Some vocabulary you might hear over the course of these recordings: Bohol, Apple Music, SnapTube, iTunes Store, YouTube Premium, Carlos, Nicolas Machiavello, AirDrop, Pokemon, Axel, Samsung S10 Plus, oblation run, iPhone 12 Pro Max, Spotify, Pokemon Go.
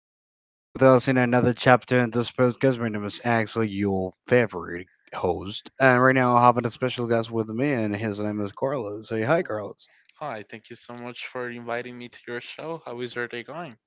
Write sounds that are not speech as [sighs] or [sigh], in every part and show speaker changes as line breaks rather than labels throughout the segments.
for staying tuned with us in another chapter in this podcast. My name is actually your favorite host, and right now I have a special guest with me, and his name is Carlos. Say hi, Carlos.
Hi, thank you so much for inviting me to your show. How is your day going?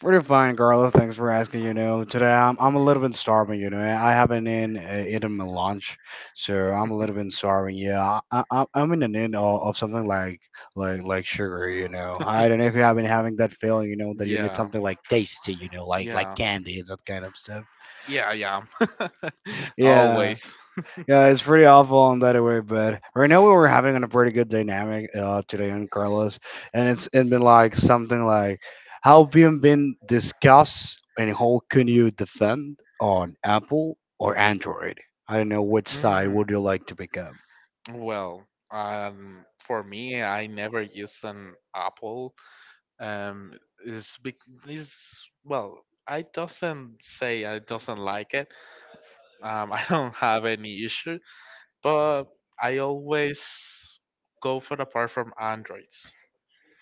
Pretty fine, Carlos. Thanks for asking. You know, today I'm a little bit starving. You know, I haven't eaten my lunch, so I'm a little bit starving. Yeah, I'm in the need of something like sugar. You know, I don't know if you have been having that feeling. You know, that you need
Yeah,
something like tasty. You know, like
yeah,
candy, that kind of stuff.
yeah, yeah. [laughs]
Yeah.
Always.
Yeah, it's pretty awful in that way, but right now we were having a pretty good dynamic today on Carlos, and it's it been like something like how been discussed, and how can you defend on Apple or Android? I don't know which side
Mm,
would you like to pick up.
well, for me, I never use an Apple. Um, is is Well, I doesn't say I doesn't like it. [laughs] I don't have any issue, but I always go for the part from Androids.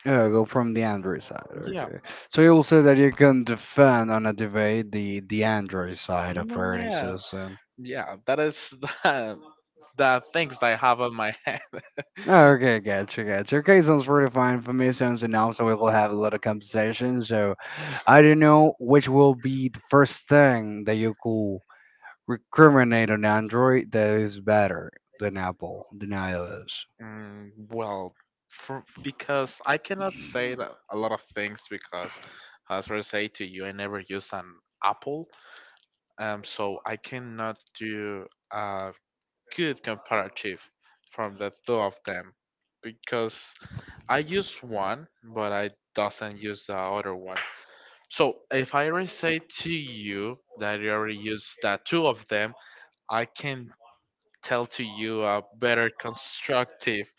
Yeah, go from the Android side.
Yeah.
Okay, so you will say that you can defend on a debate the Android side operating
Yeah,
system.
yeah, that is [laughs] the things that I have on my head.
Oh, okay, gotcha, gotcha. Okay, sounds pretty fine for me. Sounds enough, so we will have a lot of conversation. So I don't know which will be the first thing that you could recriminate on Android that is better than Apple, than iOS.
Well, because I cannot say that a lot of things because, as I say to you, I never use an Apple, so I cannot do a good comparative from the two of them because I use one, but I doesn't use the other one. So if I already say to you that you already use the two of them, I can tell to you a better constructive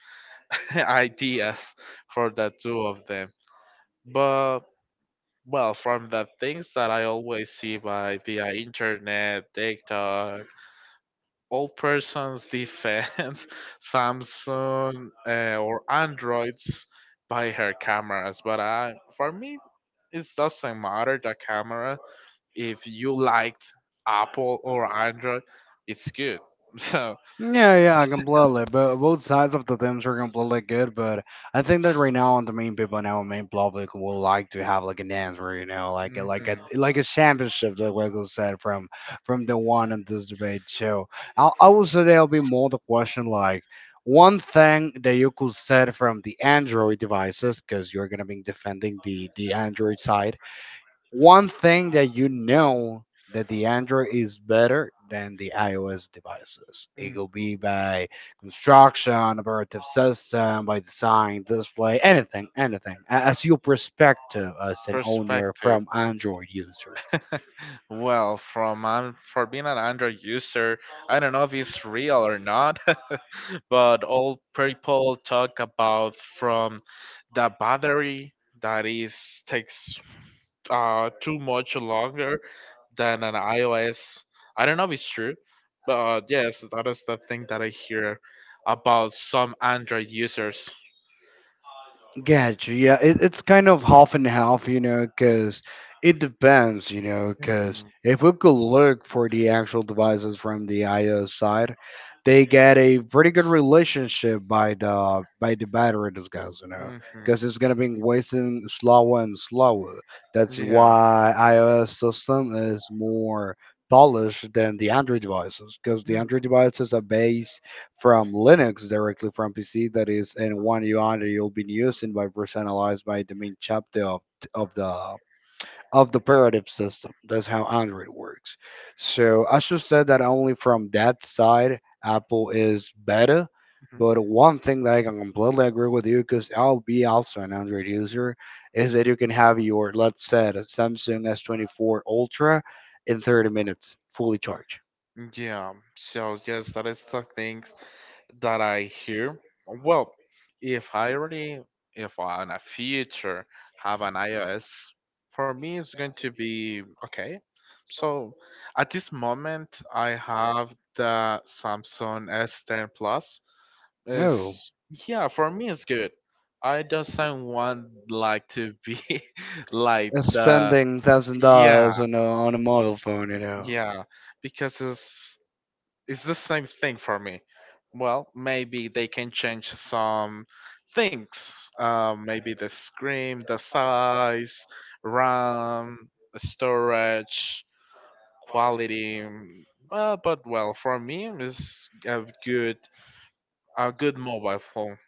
[laughs] ideas for the two of them. But well, from the things that I always see by via internet, TikTok, all persons defend [laughs] Samsung or Androids by her cameras. But, for me, it doesn't matter the camera. If you liked Apple or Android, it's good. [laughs] So.
Yeah, yeah, completely. But both sides of the teams are completely good. But I think that right now, on the main people now, main public will like to have like an answer, you know, like a- like a
Mhm.
like a championship that Wiggle said from the one in this debate. So I would say there'll be more the question like one thing that you could said from the Android devices, because you're gonna be defending the Android side, one thing that you know that the Android is better than the iOS devices. It
Mm,
will be by construction, operative system, by design, display, anything, anything. As your perspective as an owner
Perspective.
from Android user.
Well, for being an Android user, I don't know if it's real or not, [laughs] but all people talk about from the battery that is takes too much longer than an iOS. I don't know if it's true, but yes, that is the thing that I hear about some Android users.
Gotcha. Yeah, it's kind of half and half, you know, because it depends, you know, because
Hmm.
if we could look for the actual devices from the IO side, they get a pretty good relationship by the battery discuss, you know,
Hmm.
because it's gonna be wasting slower and slower. That's
Yeah.
why iOS system is more polished than the Android devices, because the Android
Hmm.
devices are based from Linux directly from PC that is and one you own that you'll be using by personalized by the main chapter of the of the operative system. That's how Android works. So I should say that only from that side Apple is better. But one thing that I can completely agree with you, because I'll be also an Android user, is that you can have your, let's say, the Samsung S24 Ultra in 30 minutes, fully charged.
Yeah, so yes, that is the things that I hear. Well, if I already, if I in a future have an iOS, for me it's going to be okay. So at this moment, I have the Samsung S10 Plus.
Oh,
Is Yeah, for me it's good. I doesn't want like to be [laughs] like the
spending $1000
yeah,
on a mobile phone, you know.
yeah, because it's the same thing for me. Well, maybe they can change some things. Maybe the screen, the size, RAM, storage, quality. Well, but well, for me, it's a good mobile phone.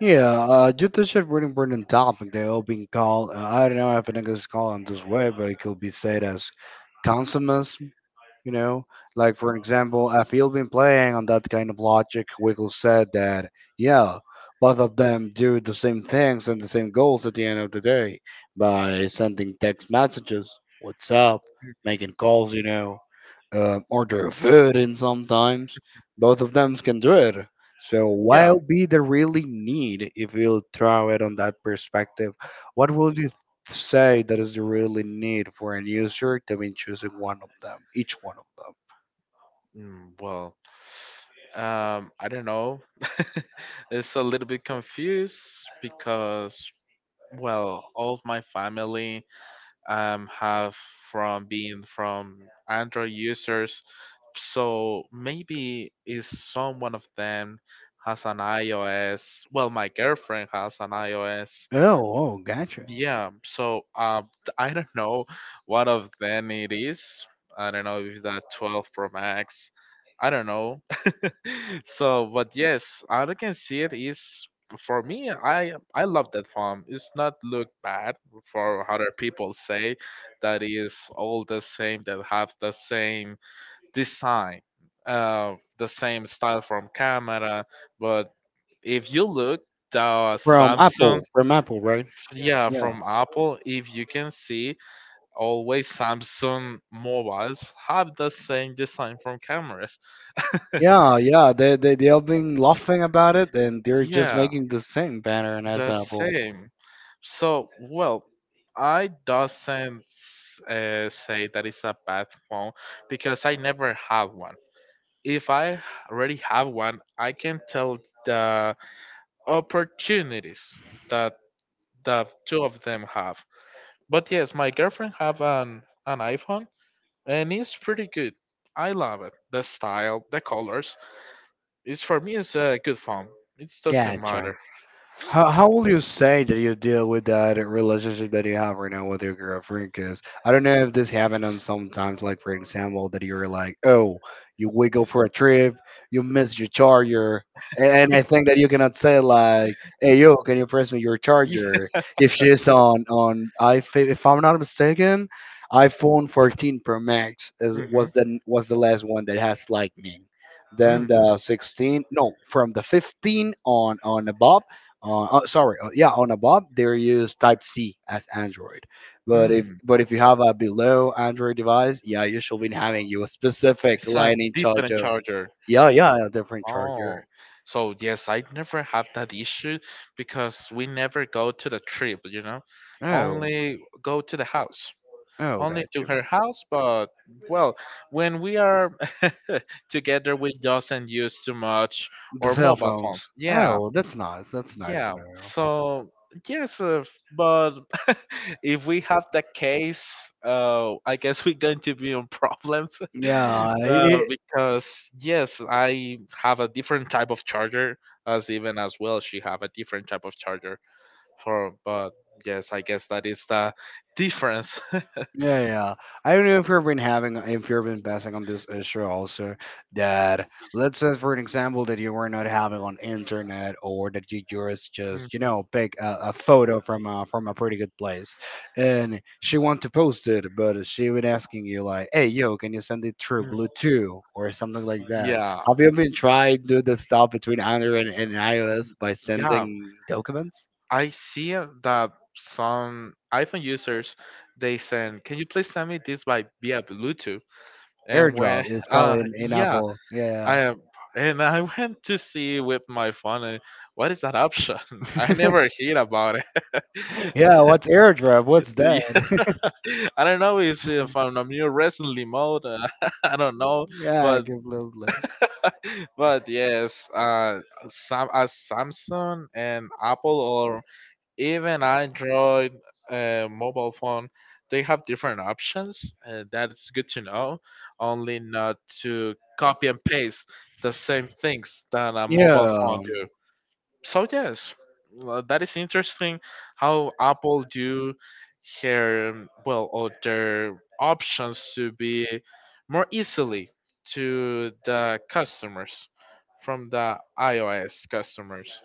Yeah, you touched a really important topic. They all being called. I don't know if an English call them this way, but it could be said as consumerism. You know, like
Mhm.
for example, if you've been playing on that kind of logic, Wiggles said that, yeah, both of them do the same things and the same goals at the end of the day, by sending text messages, what's up, making calls, you know, order food, and sometimes both of them can do it. So,
Yeah.
while be the really need, if you throw it on that perspective, what would you say that is the really need for an user to be choosing one of them, each one of them.
Well, I don't know. It's a little bit confused because, well, all of my family have from being from Android users. So maybe is someone of them has an iOS. Well, my girlfriend has an iOS.
Oh, oh, gotcha.
Yeah. So I don't know what of them it is. I don't know if that 12 Pro Max. I don't know, so but yes, all I can see it is for me, I love that farm. It's not look bad for other people say that is all the same, that have the same design, the same style from camera. But if you look the Samsung,
From Apple, right? Yeah.
yeah, from Apple. If you can see, always Samsung mobiles have the same design from cameras.
Yeah, yeah. They have been laughing about it, and they're just
Yeah.
making the same pattern as
The
Apple.
same. So, well, I doesn't say that it's a bad phone because I never have one. If I already have one, I can tell the opportunities that the two of them have. But yes, my girlfriend have an iPhone and it's pretty good. I love it. The style, the colors. It's For me, it's a good phone. It doesn't matter.
Gotcha. How will you say that you deal with that relationship that you have right now with your girlfriend? Because I don't know if this happened on sometimes, like for example, that you're like, oh, you we go for a trip, you miss your charger, and I think that you cannot say like, hey yo, can you press me your
[laughs] Yeah.
charger? If she's on I if I'm not mistaken, iPhone 14 Pro Max is
Hmm.
was the last one that has Lightning.
Hmm.
Then the 16, no, from the 15 on above on oh, sorry yeah on above they use type c as android, but if
Mm,
but if you have a below android device, yeah, you should be having you a specific
it's a
lightning
different
charger.
charger.
Yeah, yeah,
It's-
a different
oh,
charger.
so yes, I never have that issue because we never go to the trip,
Oh,
only go to the house,
oh,
only
got
to
you.
her house. But well, when we are [laughs] together, we doesn't use too much
The
or
cell
mobile
phones.
phones.
Oh,
Yeah,
well, that's nice, that's nice to
yeah.
know.
So yes, but [laughs] if we have that case, I guess we're going to be on problems
yeah
[laughs]
i-
because yes, I have a different type of charger, as even as well she have a different type of charger for. But yes, I guess that is the difference. [laughs]
Yeah, yeah. I don't know if you've been having, if you've been passing on this issue also, that let's say for an example that you were not having on internet or that you just
Mm,
just you know pick a photo from a pretty good place, and she want to post it, but she would asking you like, hey yo, can you send it through
mm.
Bluetooth or something like that?
Yeah.
Have you been trying to do the stuff between Android and iOS by
Yeah,
sending documents?
I see that some iPhone users they send, "Can you please send me this by via Bluetooth?" And
AirDrop
when
is called in
yeah,
Apple.
I
Yeah.
am- and I [laughs] went to see with my phone, what is that option? [laughs] I never
[laughs]
heard about it. [laughs]
Yeah, what's airdrop? What's that?
Yeah, [laughs] I don't know if I'm a new recently mode. [laughs] I don't know,
[laughs] yeah, I
but
give little love.
but yes, Samsung and Apple or even Android mobile phone, they have different options. That's good to know. Only not to copy and paste the same things that a, yeah,
Yeah.
mobile phone do. So yes, well, that is interesting how Apple do here well or their options to be more easily to the customers from the iOS customers.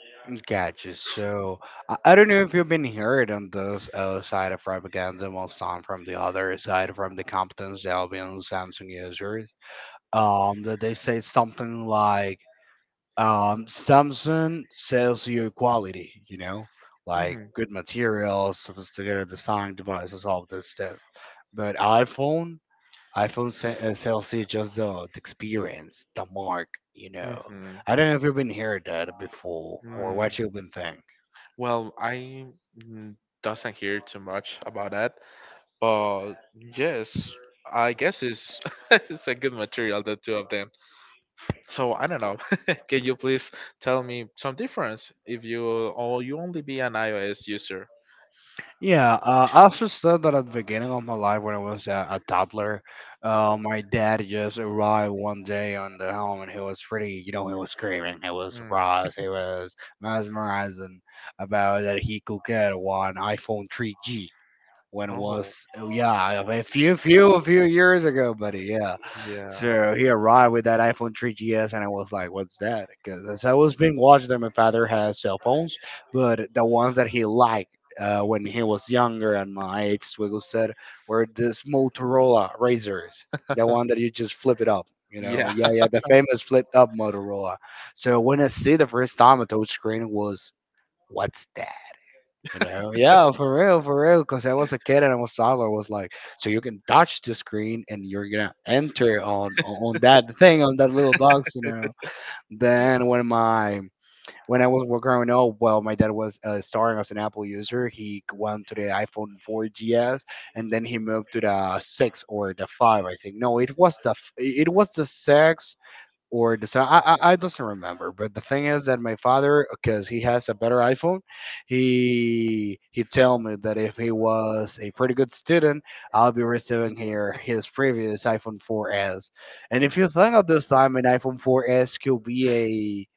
Gotcha. So I don't know if you've been heard on this side of propaganda, most time from the other side, from the competent Albion Samsung users. That they say something like, Samsung sells you quality, you know, like
Mm-hmm.
good materials, sophisticated design devices, all this stuff. But iPhone, iPhone sells you just the experience, the mark, you know.
Mm-hmm.
I don't know if you've been heard that before or what
Mm-hmm.
you've been thinking.
Well, I mm, doesn't hear too much about that, but yes, I guess it's [laughs] it's a good material, the two of them. So I don't know. [laughs] Can you please tell me some difference if you or you only be an iOS user?
Yeah, I also said that at the beginning of my life when I was a toddler, my dad just arrived one day on the home and he was pretty, you know, he was screaming, he was
Mm.
surprised, he was mesmerizing about that he could get one iPhone 3G. When it
Oh,
was oh, yeah, a few years ago, buddy. Yeah,
yeah,
so he arrived with that iPhone 3GS and I was like what's that, because as I was being watched that my father has cell phones, but the ones that he liked when he was younger and my age swiggle said were this Motorola razors, the
[laughs]
one that you just flip it up, you know.
yeah,
Yeah, yeah, the famous flipped up Motorola. So when I see the first time a touch screen was what's that, you know. Yeah, for real, for real. Because I was a kid and I was toddler. I was like, so you can touch the screen and you're gonna enter on that thing on that little box, you know. Then when my when I was growing up, well, my dad was starting as an Apple user. He went to the iPhone 4GS and then he moved to the six or the five, I think. No, it was it was the six or the sound. I doesn't remember, but the thing is that my father, because he has a better iPhone, he tell me that if he was a pretty good student, I'll be receiving here his previous iPhone 4S. And if you think of this time, an iPhone 4S could be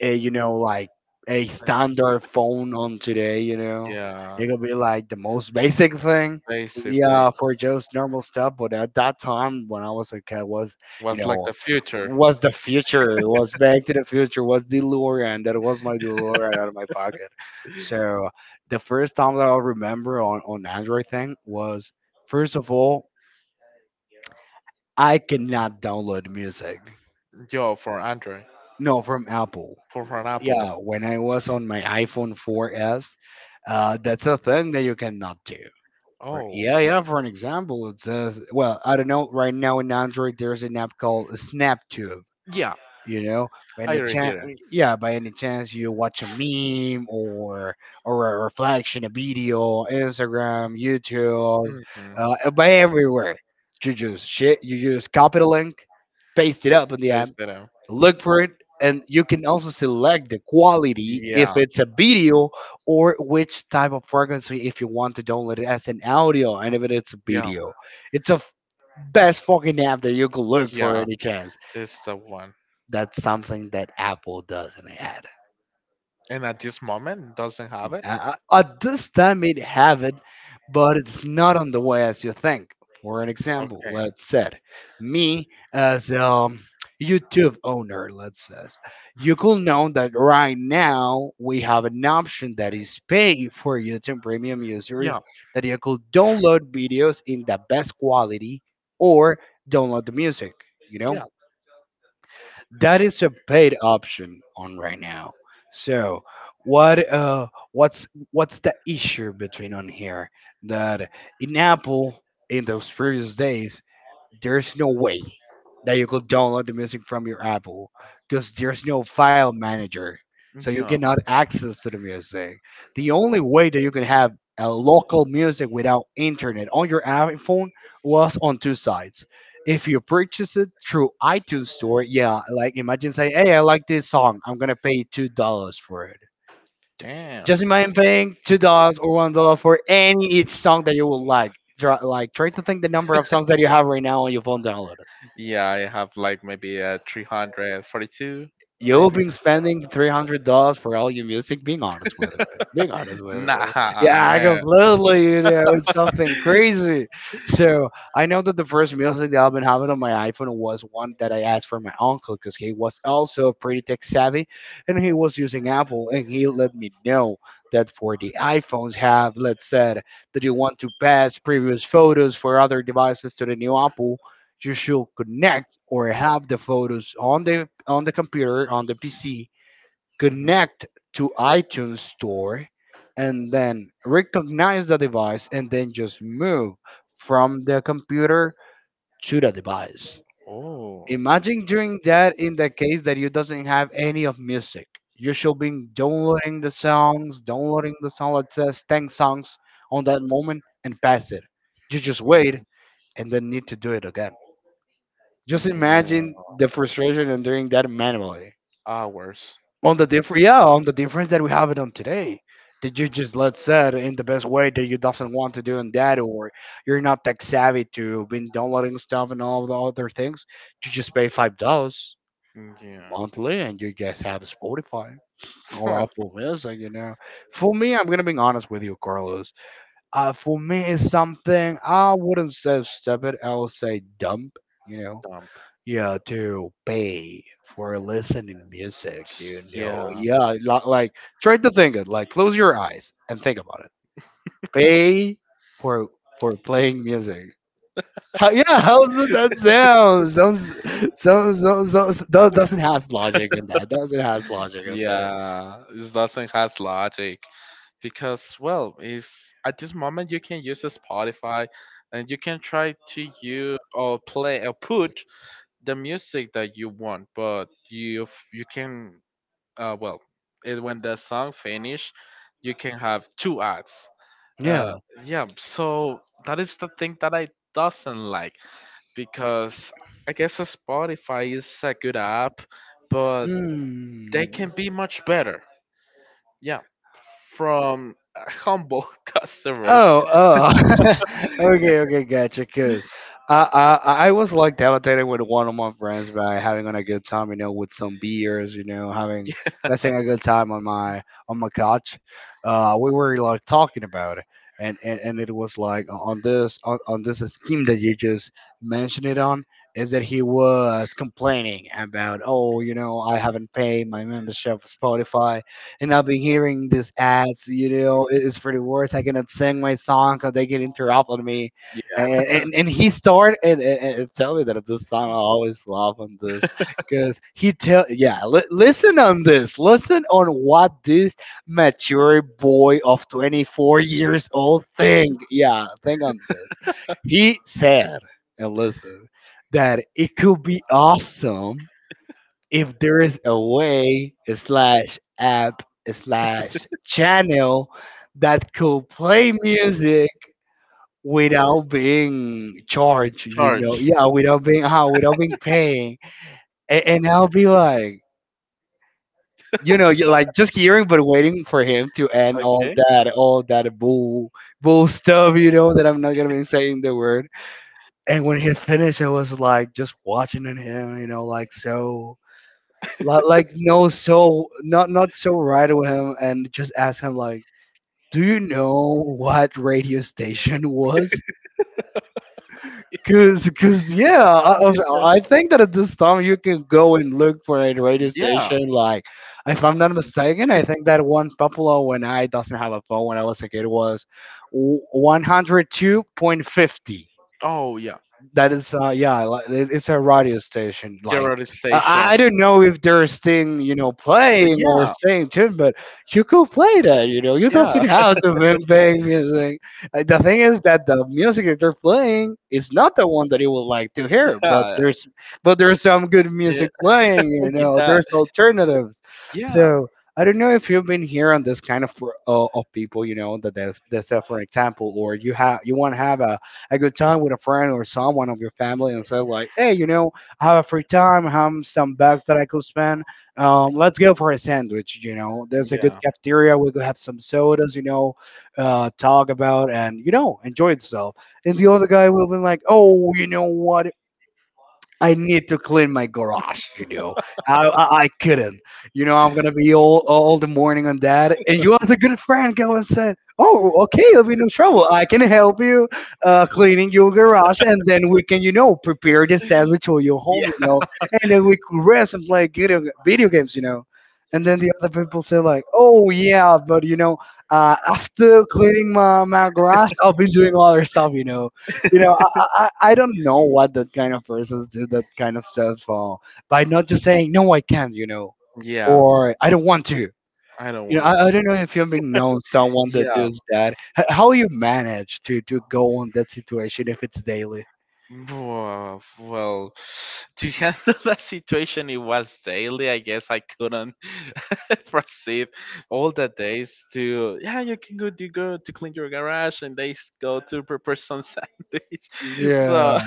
a, you know, like a standard phone on today, you know.
yeah.
It could be like the most basic thing,
Basically,
yeah, for joe's normal stuff. But at that time when I was a kid, was, you
was like
know,
the future.
was the future, was back to the future, was delorean. That was my delorean out of my pocket. So the first time that I remember on android thing was, first of all, I cannot download music.
Yo, for Android,
No, from Apple.
for an Apple.
Yeah, when I was on my iPhone 4S, that's a thing that you cannot do. For,
Oh,
yeah, yeah. For an example, it says, well, I don't know. Right now in Android, there's an app called SnapTube.
yeah,
You know, by
I
any
already
chance,
hear
yeah, by any chance you watch a meme or a reflection, a video, Instagram, YouTube,
it. Hmm.
by everywhere, you just shit, you just copy the link, paste it up in the app,
Face that out.
look for it, and you can also select the quality if
Yeah,
it's a video or which type of frequency if you want to download it as an audio. And if it's a
yeah,
video, it's best fucking app that you could look for
yeah.
any chance.
It's the one.
That's something that Apple doesn't add.
And at this moment, doesn't have it.
At this time, it have it, but it's not on the way as you think. For an example,
Okay.
let's say me as a YouTube owner, let's say, you could know that right now we have an option that is pay for YouTube Premium users
Yeah,
that you could download videos in the best quality or download the music. You know,
yeah,
that is a paid option on right now. So what's the issue between on here that in Apple in those previous days there's no way that you could download the music from your Apple because there's no file manager. So you
yeah.
cannot access to the music. The only way that you can have a local music without internet on your iPhone was on two sides. If you purchase it through iTunes Store, yeah, like imagine saying, "Hey, I like this song. I'm gonna pay $2 for it."
Damn.
Just imagine paying $2 or $1 for any each song that you would like. Try to think the number of songs that you have right now on your phone downloaded.
Yeah, I have like maybe a 342,
You've
maybe.
been spending $300 for all your music. Being honest with it, being honest with it.
Nah,
Yeah, I
man.
completely. You know, it's something
[laughs]
crazy. So I know that the first music that I've been having on my iPhone was one that I asked for my uncle because he was also pretty tech savvy, and he was using Apple, and he let me know that for the iPhones have, let's say, that you want to pass previous photos for other devices to the new Apple. You should connect or have the photos on the computer on the PC,
Mhm.
connect to iTunes Store, and then recognize the device and then just move from the computer to the device.
Oh,
Imagine doing that in the case that you doesn't have any of music. You should be downloading the song that says 10 songs on that moment and pass it. You just wait
yeah.
and then need to do it again. Just
Yeah.
imagine the frustration and doing that manually.
Hours.
On the difference that we have it on today. That you just let's say it in the best way that you doesn't want to do in that, or you're not tech savvy to been downloading stuff and all the other things. You just pay $5
Yeah.
monthly, and you just have Spotify or Apple Music. You know, for me, I'm gonna be honest with you, Carlos. For me, it's something I wouldn't say stupid. I would say dumb. You
[laughs]
know,
Dump.
yeah, to pay for listening music,
Yeah.
yeah, like try to think it, like close your eyes and think about it. Pay for for playing music. How does that sound sounds? Doesn't has logic in that, doesn't has logic in that.
Yeah, it doesn't has logic because well, is at this moment you can use a Spotify and you can try to you or play or put the music that you want, but you can well, it, when the song finish, you can have two ads. Uh,
Yeah.
yeah, so that is the thing that I doesn't like because I guess a Spotify is a good app, but
Mm.
they can be much better. Yeah, from humble [laughs] customers.
Oh,
[laughs]
oh, [laughs] okay, okay, gotcha. Cause I, I, I was like devastated with one of my friends by having on a good time, you know, with some beers, having
Yeah,
passing a good time on my couch. We were like talking about it, and it was like on this scheme that you just mentioned it on is that he was complaining about, oh, I haven't paid my membership for Spotify and I'll be hearing these ads, it's for the worst. I cannot sing my song because they get interrupted me.
yeah.
And he started and tell me that this song I always love on this because he tell, yeah, listen on what this mature boy of 24 years old think, yeah, think on this he said and listen that it could be awesome if there is a way slash app slash channel that could play music without being charged,
Charge.
yeah, without being paying. And I'll be like, you're like just hearing but waiting for him to end all
Okay.
that all that bull stuff, that I'm not gonna be saying the word. And when he finished, I was like just watching at him, so. Like, no, so not so right with him, and just ask him like, do you know what radio station was? Cause, cause, yeah, I, I was-
Yeah.
I think that at this time you can go and look for a radio
Yeah.
station. Like, if I'm not mistaken, I think that one popular when I doesn't have a phone when I was a kid was 102.50.
Oh, yeah.
That is, yeah, like, it's a radio station. Like,
Your other
i
station.
I don't know if there's thing, you know, playing or
Yeah.
staying tuned, but you could play that. You know, you
Yeah.
doesn't have to be playing music. The thing is that the music that they're playing is not the one that you would like to hear, but
Yeah.
there's some good
[laughs] Yeah.
music playing. You know,
Yeah.
there's alternatives.
Yeah.
So I don't know if you've been here on this kind of, of people, you know, that that's for example, or you want to have a good time with a friend or someone of your family and say like, hey, you know, I have a free time, I have some bucks that I could spend. Let's go for a sandwich. You know, there's a good
Yeah.
cafeteria. We could have some sodas. You know, talk about, and enjoy itself. And the other guy will be like, oh, you know what? I need to clean my garage, you know. I couldn't. You know, I'm gonna be all the morning on that. And you as a good friend go and said, oh, okay, it'll be no trouble. I can help you, cleaning your garage, and then we can, you know, prepare the sandwich for your home,
Yeah.
you know, and then we could rest and play video games, you know. And then the other people say like, oh yeah, but you know, after cleaning my garage, I'll be doing other stuff, you know. You know, I don't know what that kind of persons do that kind of stuff, by not just saying no, I can't, you know,
Yeah.
or I don't want to.
I don't
You know,
want.
I don't know if you've been known someone that
Yeah.
does that. How you manage to go on that situation if it's daily?
Well, [sighs] to handle [laughs] that situation, it was daily. I guess I couldn't [laughs] proceed all the days to, yeah, you can go to clean your garage and they go to prepare some [laughs] sandwich. [laughs]
Yeah,
So,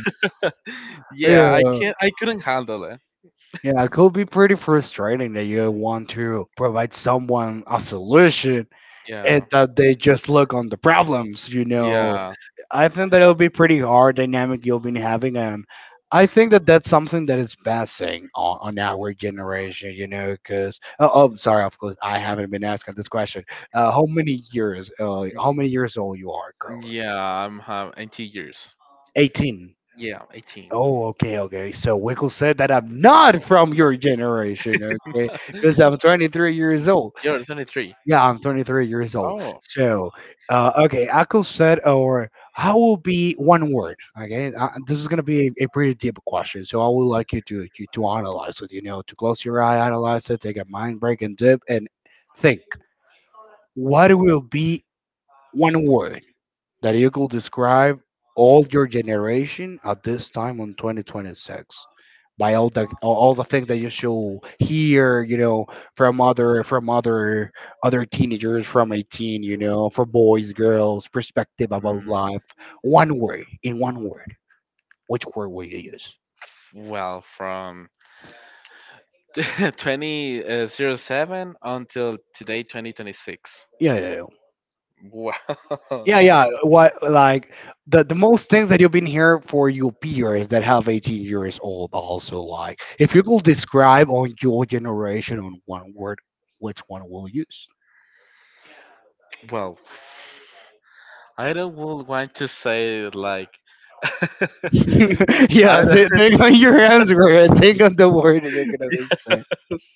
yeah, I
yeah,
can't, I couldn't handle it.
yeah. It could be pretty frustrating that you want to provide someone a solution, and
Yeah.
that they just look on the problems, you know.
Yeah.
I think that it'll be pretty hard dynamic you'll be having. And I think that that's something that is passing on our generation, you know, because oh, sorry, of course, I haven't been asking this question. How many years old you are, girls?
Yeah. I'm have 18 years.
18.
Yeah. 18.
Oh, okay, okay. So Wickle said that I'm not from your generation, okay? Because I'm
[gasps]
23 years old.
[laughs] You're 23.
Yeah, I'm 23 years old.
Oh.
So, okay, I could said or how will be one word. Okay, this is gonna be a pretty deep question. So I would like you to analyze it. You know, to close your eye, analyze it, take a mind break and dip and think. What will be one word that you could describe all your generation at this time on 2026 by all the things that you should hear, you know, from other teenagers from 18, you know, for boys girls perspective about
Mm.
life, one word, in one word, which word will you use?
Well, from [laughs] 2007 until today, 2026.
Yeah, yeah, yeah.
Wow.
Yeah, yeah.
[laughs]
What, like the most things that you've been here for your peers that have 18 years old also, like if you could describe on your generation on one word, which one will you use?
Well, I don't would want to say it like [laughs]
[laughs]
I
Yeah,
don't.
think on your answer and think on the word that you're gonna be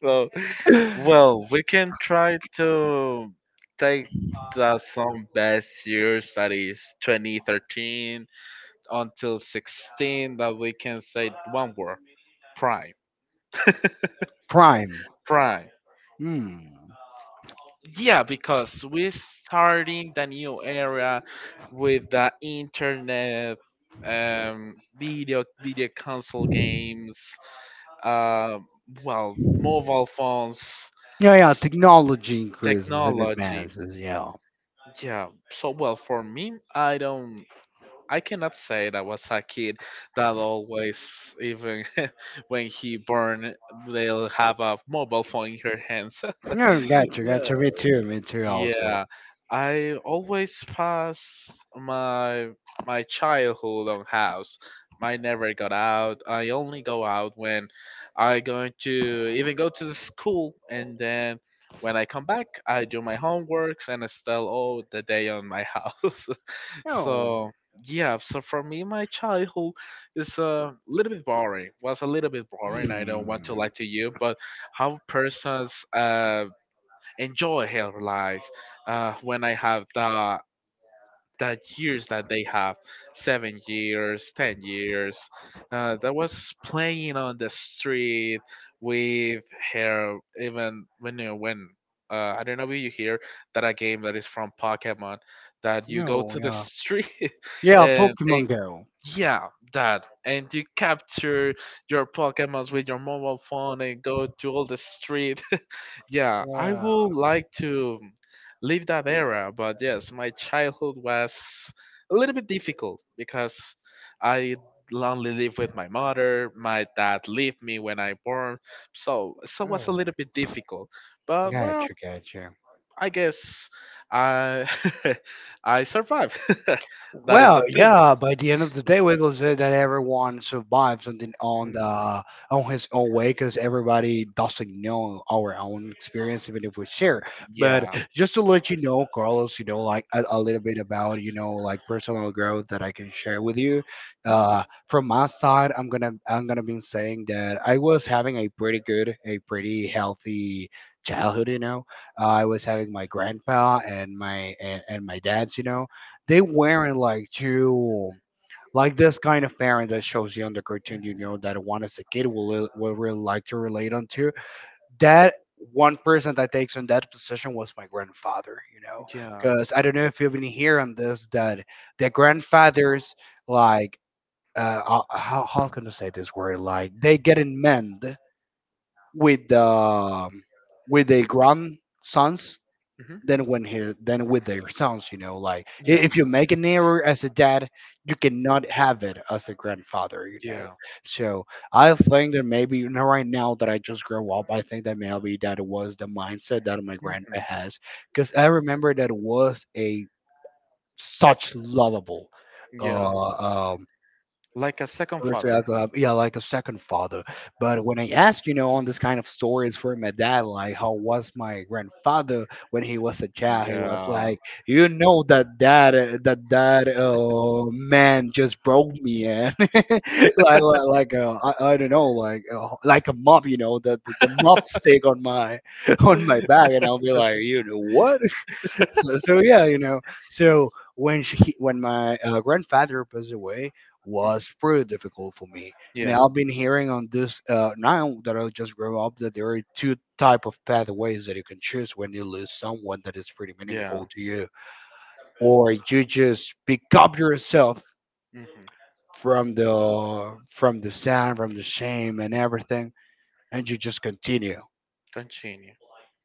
So,
saying.
well, we can try to take the some best years that is 2013 until 16 that we can say one word, prime.
Prime.
Prime.
Hmm.
Yeah, because we're starting the new era with the internet, video console games, uh, well, mobile phones,
Yeah, yeah.
s-
Technology increases and
technology.
advances. Yeah.
Yeah. So well, for me, I don't. I cannot say that was a kid that always, even [laughs] when he born, they'll have a mobile phone in her hands.
Yeah,
[laughs]
gotcha, gotcha.
Yeah.
Me too. Me too. Also.
Yeah, I always pass my childhood on house. I never got out. I only go out when I going to even go to the school, and then when I come back, I do my homeworks and I still all the day on my house. [laughs]
No.
So, yeah, so for me, my childhood is a little bit boring. Was a little bit boring. I don't want to lie
Hmm.
to you, but how persons enjoy her life when I have the years that they have 7 years, 10 years. That was playing on the street with her even when you when I don't know if you hear that a game that is from Pokemon that you go
Oh,
to the
yeah.
street [laughs]
Yeah,
and
Pokemon Go.
yeah that and you capture your Pokemons with your mobile phone and go to all the street, yeah, I
Yeah.
would like to leave that era, but yes, my childhood was a little bit difficult because I only lived with my mother. My dad left me when I born, so it was a
Oh,
little bit difficult. But well,
gotcha, gotcha.
I guess I [laughs] I survived. [laughs] That is the
Well,
thing.
yeah. By the end of the day, Wiggles said that everyone survives on the, on
Mm.
the on his own way because everybody doesn't know our own experience, even if we share. But
Yeah.
just to let you know, Carlos, you know, like a little bit about, you know, like personal growth that I can share with you.
Mhm.
From my side, I'm gonna be saying that I was having a pretty good, a pretty healthy childhood. You know, I was having my grandpa and my dad's. You know they wearing like too like this kind of parent that shows you on the cartoon you
Mhm.
know that one as a kid will really like to relate onto that one person that takes on that position was my grandfather, you know,
Yeah.
because I don't know if you've been here on this, that the grandfathers like how can I say this word, like they get in mend with the with the grandsons
Mhm.
than when his than with their sons. You know, like
Yeah,
if you make an error as a dad, you cannot have it as a grandfather. You know,
yeah.
so I think that maybe, you know, right now that I just grow up, I think that maybe that was the mindset that my grandpa
Mhm.
has, because I remember that was a such lovable
Yeah,
uh, um,
like a second
person I
father.
love, yeah, like a second father. But when I ask, you know, on this kind of stories for my dad, like how was my grandfather when he was a child, he was
Yeah,
like, you know, that man just broke me, and [laughs] like I don't know, like a mop, you know, the mop stick on my [laughs] on my back, and I'll be like, you know what? [laughs] So yeah, you know. So when my grandfather passed away, was pretty difficult for me. And
yeah,
I've been hearing on this now that I just grew up that there are two type of pathways that you can choose when you lose someone that is pretty
yeah.
meaningful to you, or you just pick up yourself
Hmm.
from the sound, from the shame, and everything, and you just continue.
Continue.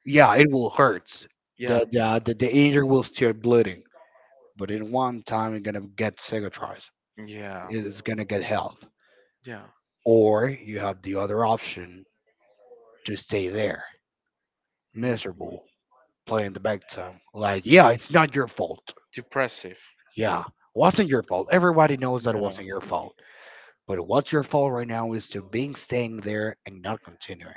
Yeah, it will hurt.
Yeah,
The injury will start bleeding, but in one time you're gonna get cicatrized.
yeah,
It's gonna get health.
yeah.
Or you have the other option to stay there,
Hmm.
miserable, playing the victim. Like, yeah, it's not your fault.
Depressive.
Yeah, wasn't your fault. Everybody knows that it
Yeah,
wasn't your fault. But what's your fault right now is to being staying there and not continuing,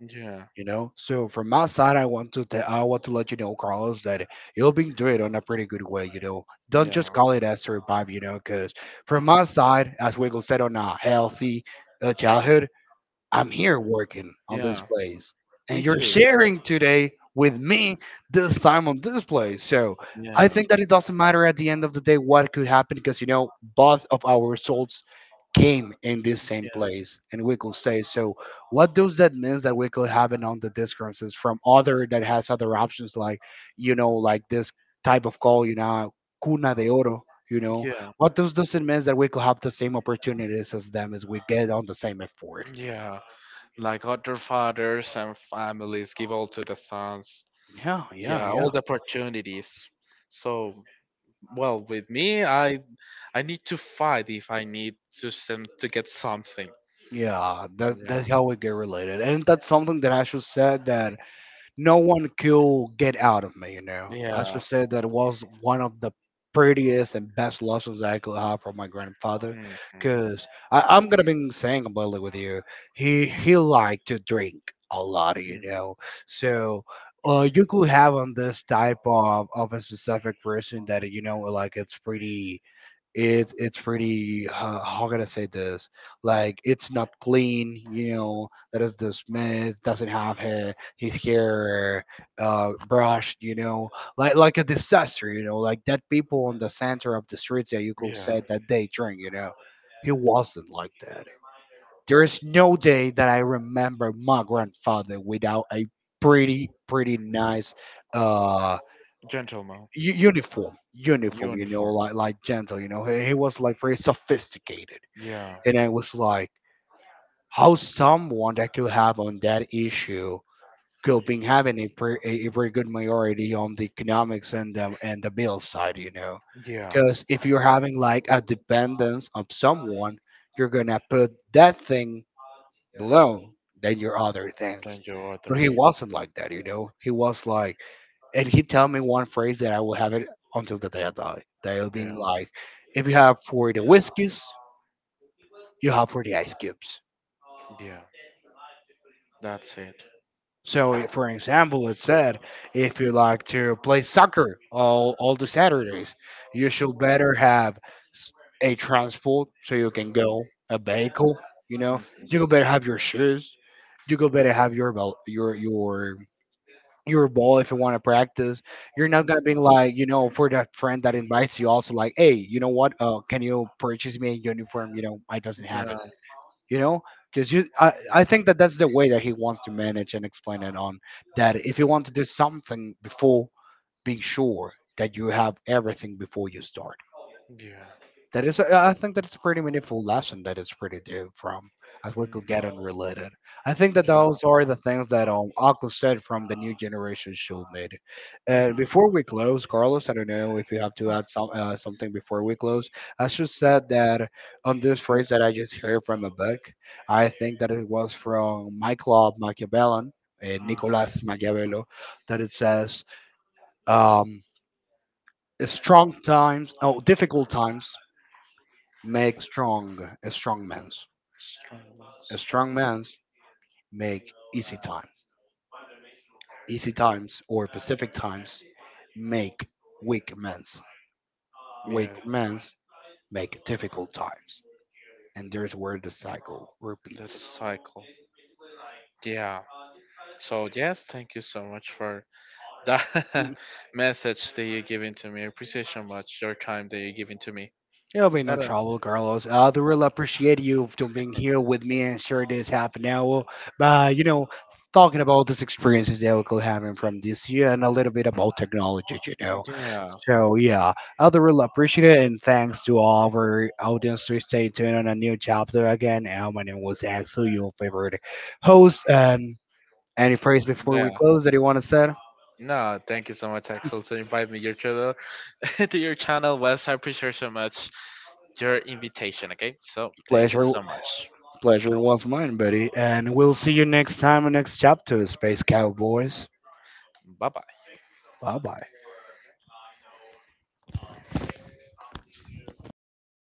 yeah,
you know. So from my side, I want to tell, I want to let you know, Carlos, that you've been doing it on a pretty good way. You know, don't
yeah,
just call it a survive. You know, because from my side, as Wiggle said, on a healthy childhood, I'm here working on this
yeah.
place,
Me
and you're
too.
sharing today with me this time on this place. So I
Yeah,
think that it doesn't matter at the end of the day what could happen, because you know both of our results came in this same
yeah,
place, and we could say so what does that mean, that we could have it on the differences from other that has other options, like you know, like this type of call, you know, cuna de oro, you know,
yeah,
what does it mean that we could have the same opportunities as them as we get on the same effort?
yeah. Like other fathers and families give all to the sons,
Yeah, yeah,
yeah, all
yeah.
the opportunities. So, well, with me, I need to fight if I need to send to get something.
Yeah, that
Yeah,
that's how we get related, and that's something that I should said, that no one could get out of me. You know, I
yeah.
should say that was one of the prettiest and best lessons I could have from my grandfather,
Hmm.
because I'm gonna be saying completely with you, he liked to drink a lot. You
Mm,
know, so. You could have on this type of a specific person that, you know, like it's pretty, it's pretty how can I say this, like it's not clean, you know, that is dismissed, doesn't have hair, his hair brushed, you know, like a disaster, you know, like that people on the center of the streets that you could
yeah.
say that they drink, you know. He wasn't like that. There is no day that I remember my grandfather without a pretty
Mm.
nice uh
Gentleman.
uniform, you know,
Uniform.
like gentle, you know. He was like very sophisticated,
Yeah.
and I was like, how someone that could have on that issue could be having a very good majority on the economics and the bill side, you know,
Yeah.
because if you're having like a dependence of someone, you're gonna put that thing below than your other things.
Thank you,
But
others.
he wasn't like that, you know. He was like, and he tell me one phrase that I will have it until the day I die. They'll be
Yeah,
like, if you have for the whiskeys, you have for the ice cubes. So, if, for example, it said, if you like to play soccer all the Saturdays, you should better have s- a transport so you can go, a vehicle, you know. You could better have your shoes. You could better have your your ball if you want to practice. You're not gonna be like, you know, for that friend that invites you, also like, hey, you know what? Can you purchase me a uniform? You know, I doesn't have it. You know, because you, I think that that's the way that he wants to manage and explain it on that. If you want to do something before, being sure that you have everything before you start. That is,
yeah.
I think that it's a pretty meaningful lesson, that it's pretty deep from as we could
Mm.
get unrelated. I think that those are the things that Uncle said from the new generation should need. And before we close, Carlos, I don't know if you have to add some something before we close. I just said that on this phrase that I just heard from a book, I think that it was from my club Machiavellian, Nicolas Machiavello, that it says um strong times, oh difficult times make strong a strong man's. A strong man's make easy time. Easy times or Pacific times make weak men's. Weak men's make difficult times. And there's where the cycle
That's a
repeats.
cycle. Yeah. So yes, thank you so much for that
Mm,
[laughs] message that you're giving to me. I appreciate so much your time that you're giving to me.
it'll be no
That, uh,
trouble, Carlos. I do really appreciate you for being here with me and share this half an hour by, you know, talking about these experiences that we could having from this year and a little bit about technology, you know.
yeah.
So yeah, I would really appreciate it, and thanks to all of our audience to stay tuned on a new chapter again. My name was Axel, your favorite host. And any praise before we
Yeah.
close that you want to say?
No, thank you so much, Axel, to invite me your channel [laughs] to your channel, Wes. I appreciate so much your invitation. Okay, so thank you
Pleasure,
so much.
pleasure was mine, buddy. And we'll see you next time in next chapter, Space Cowboys.
Bye bye.
Bye bye.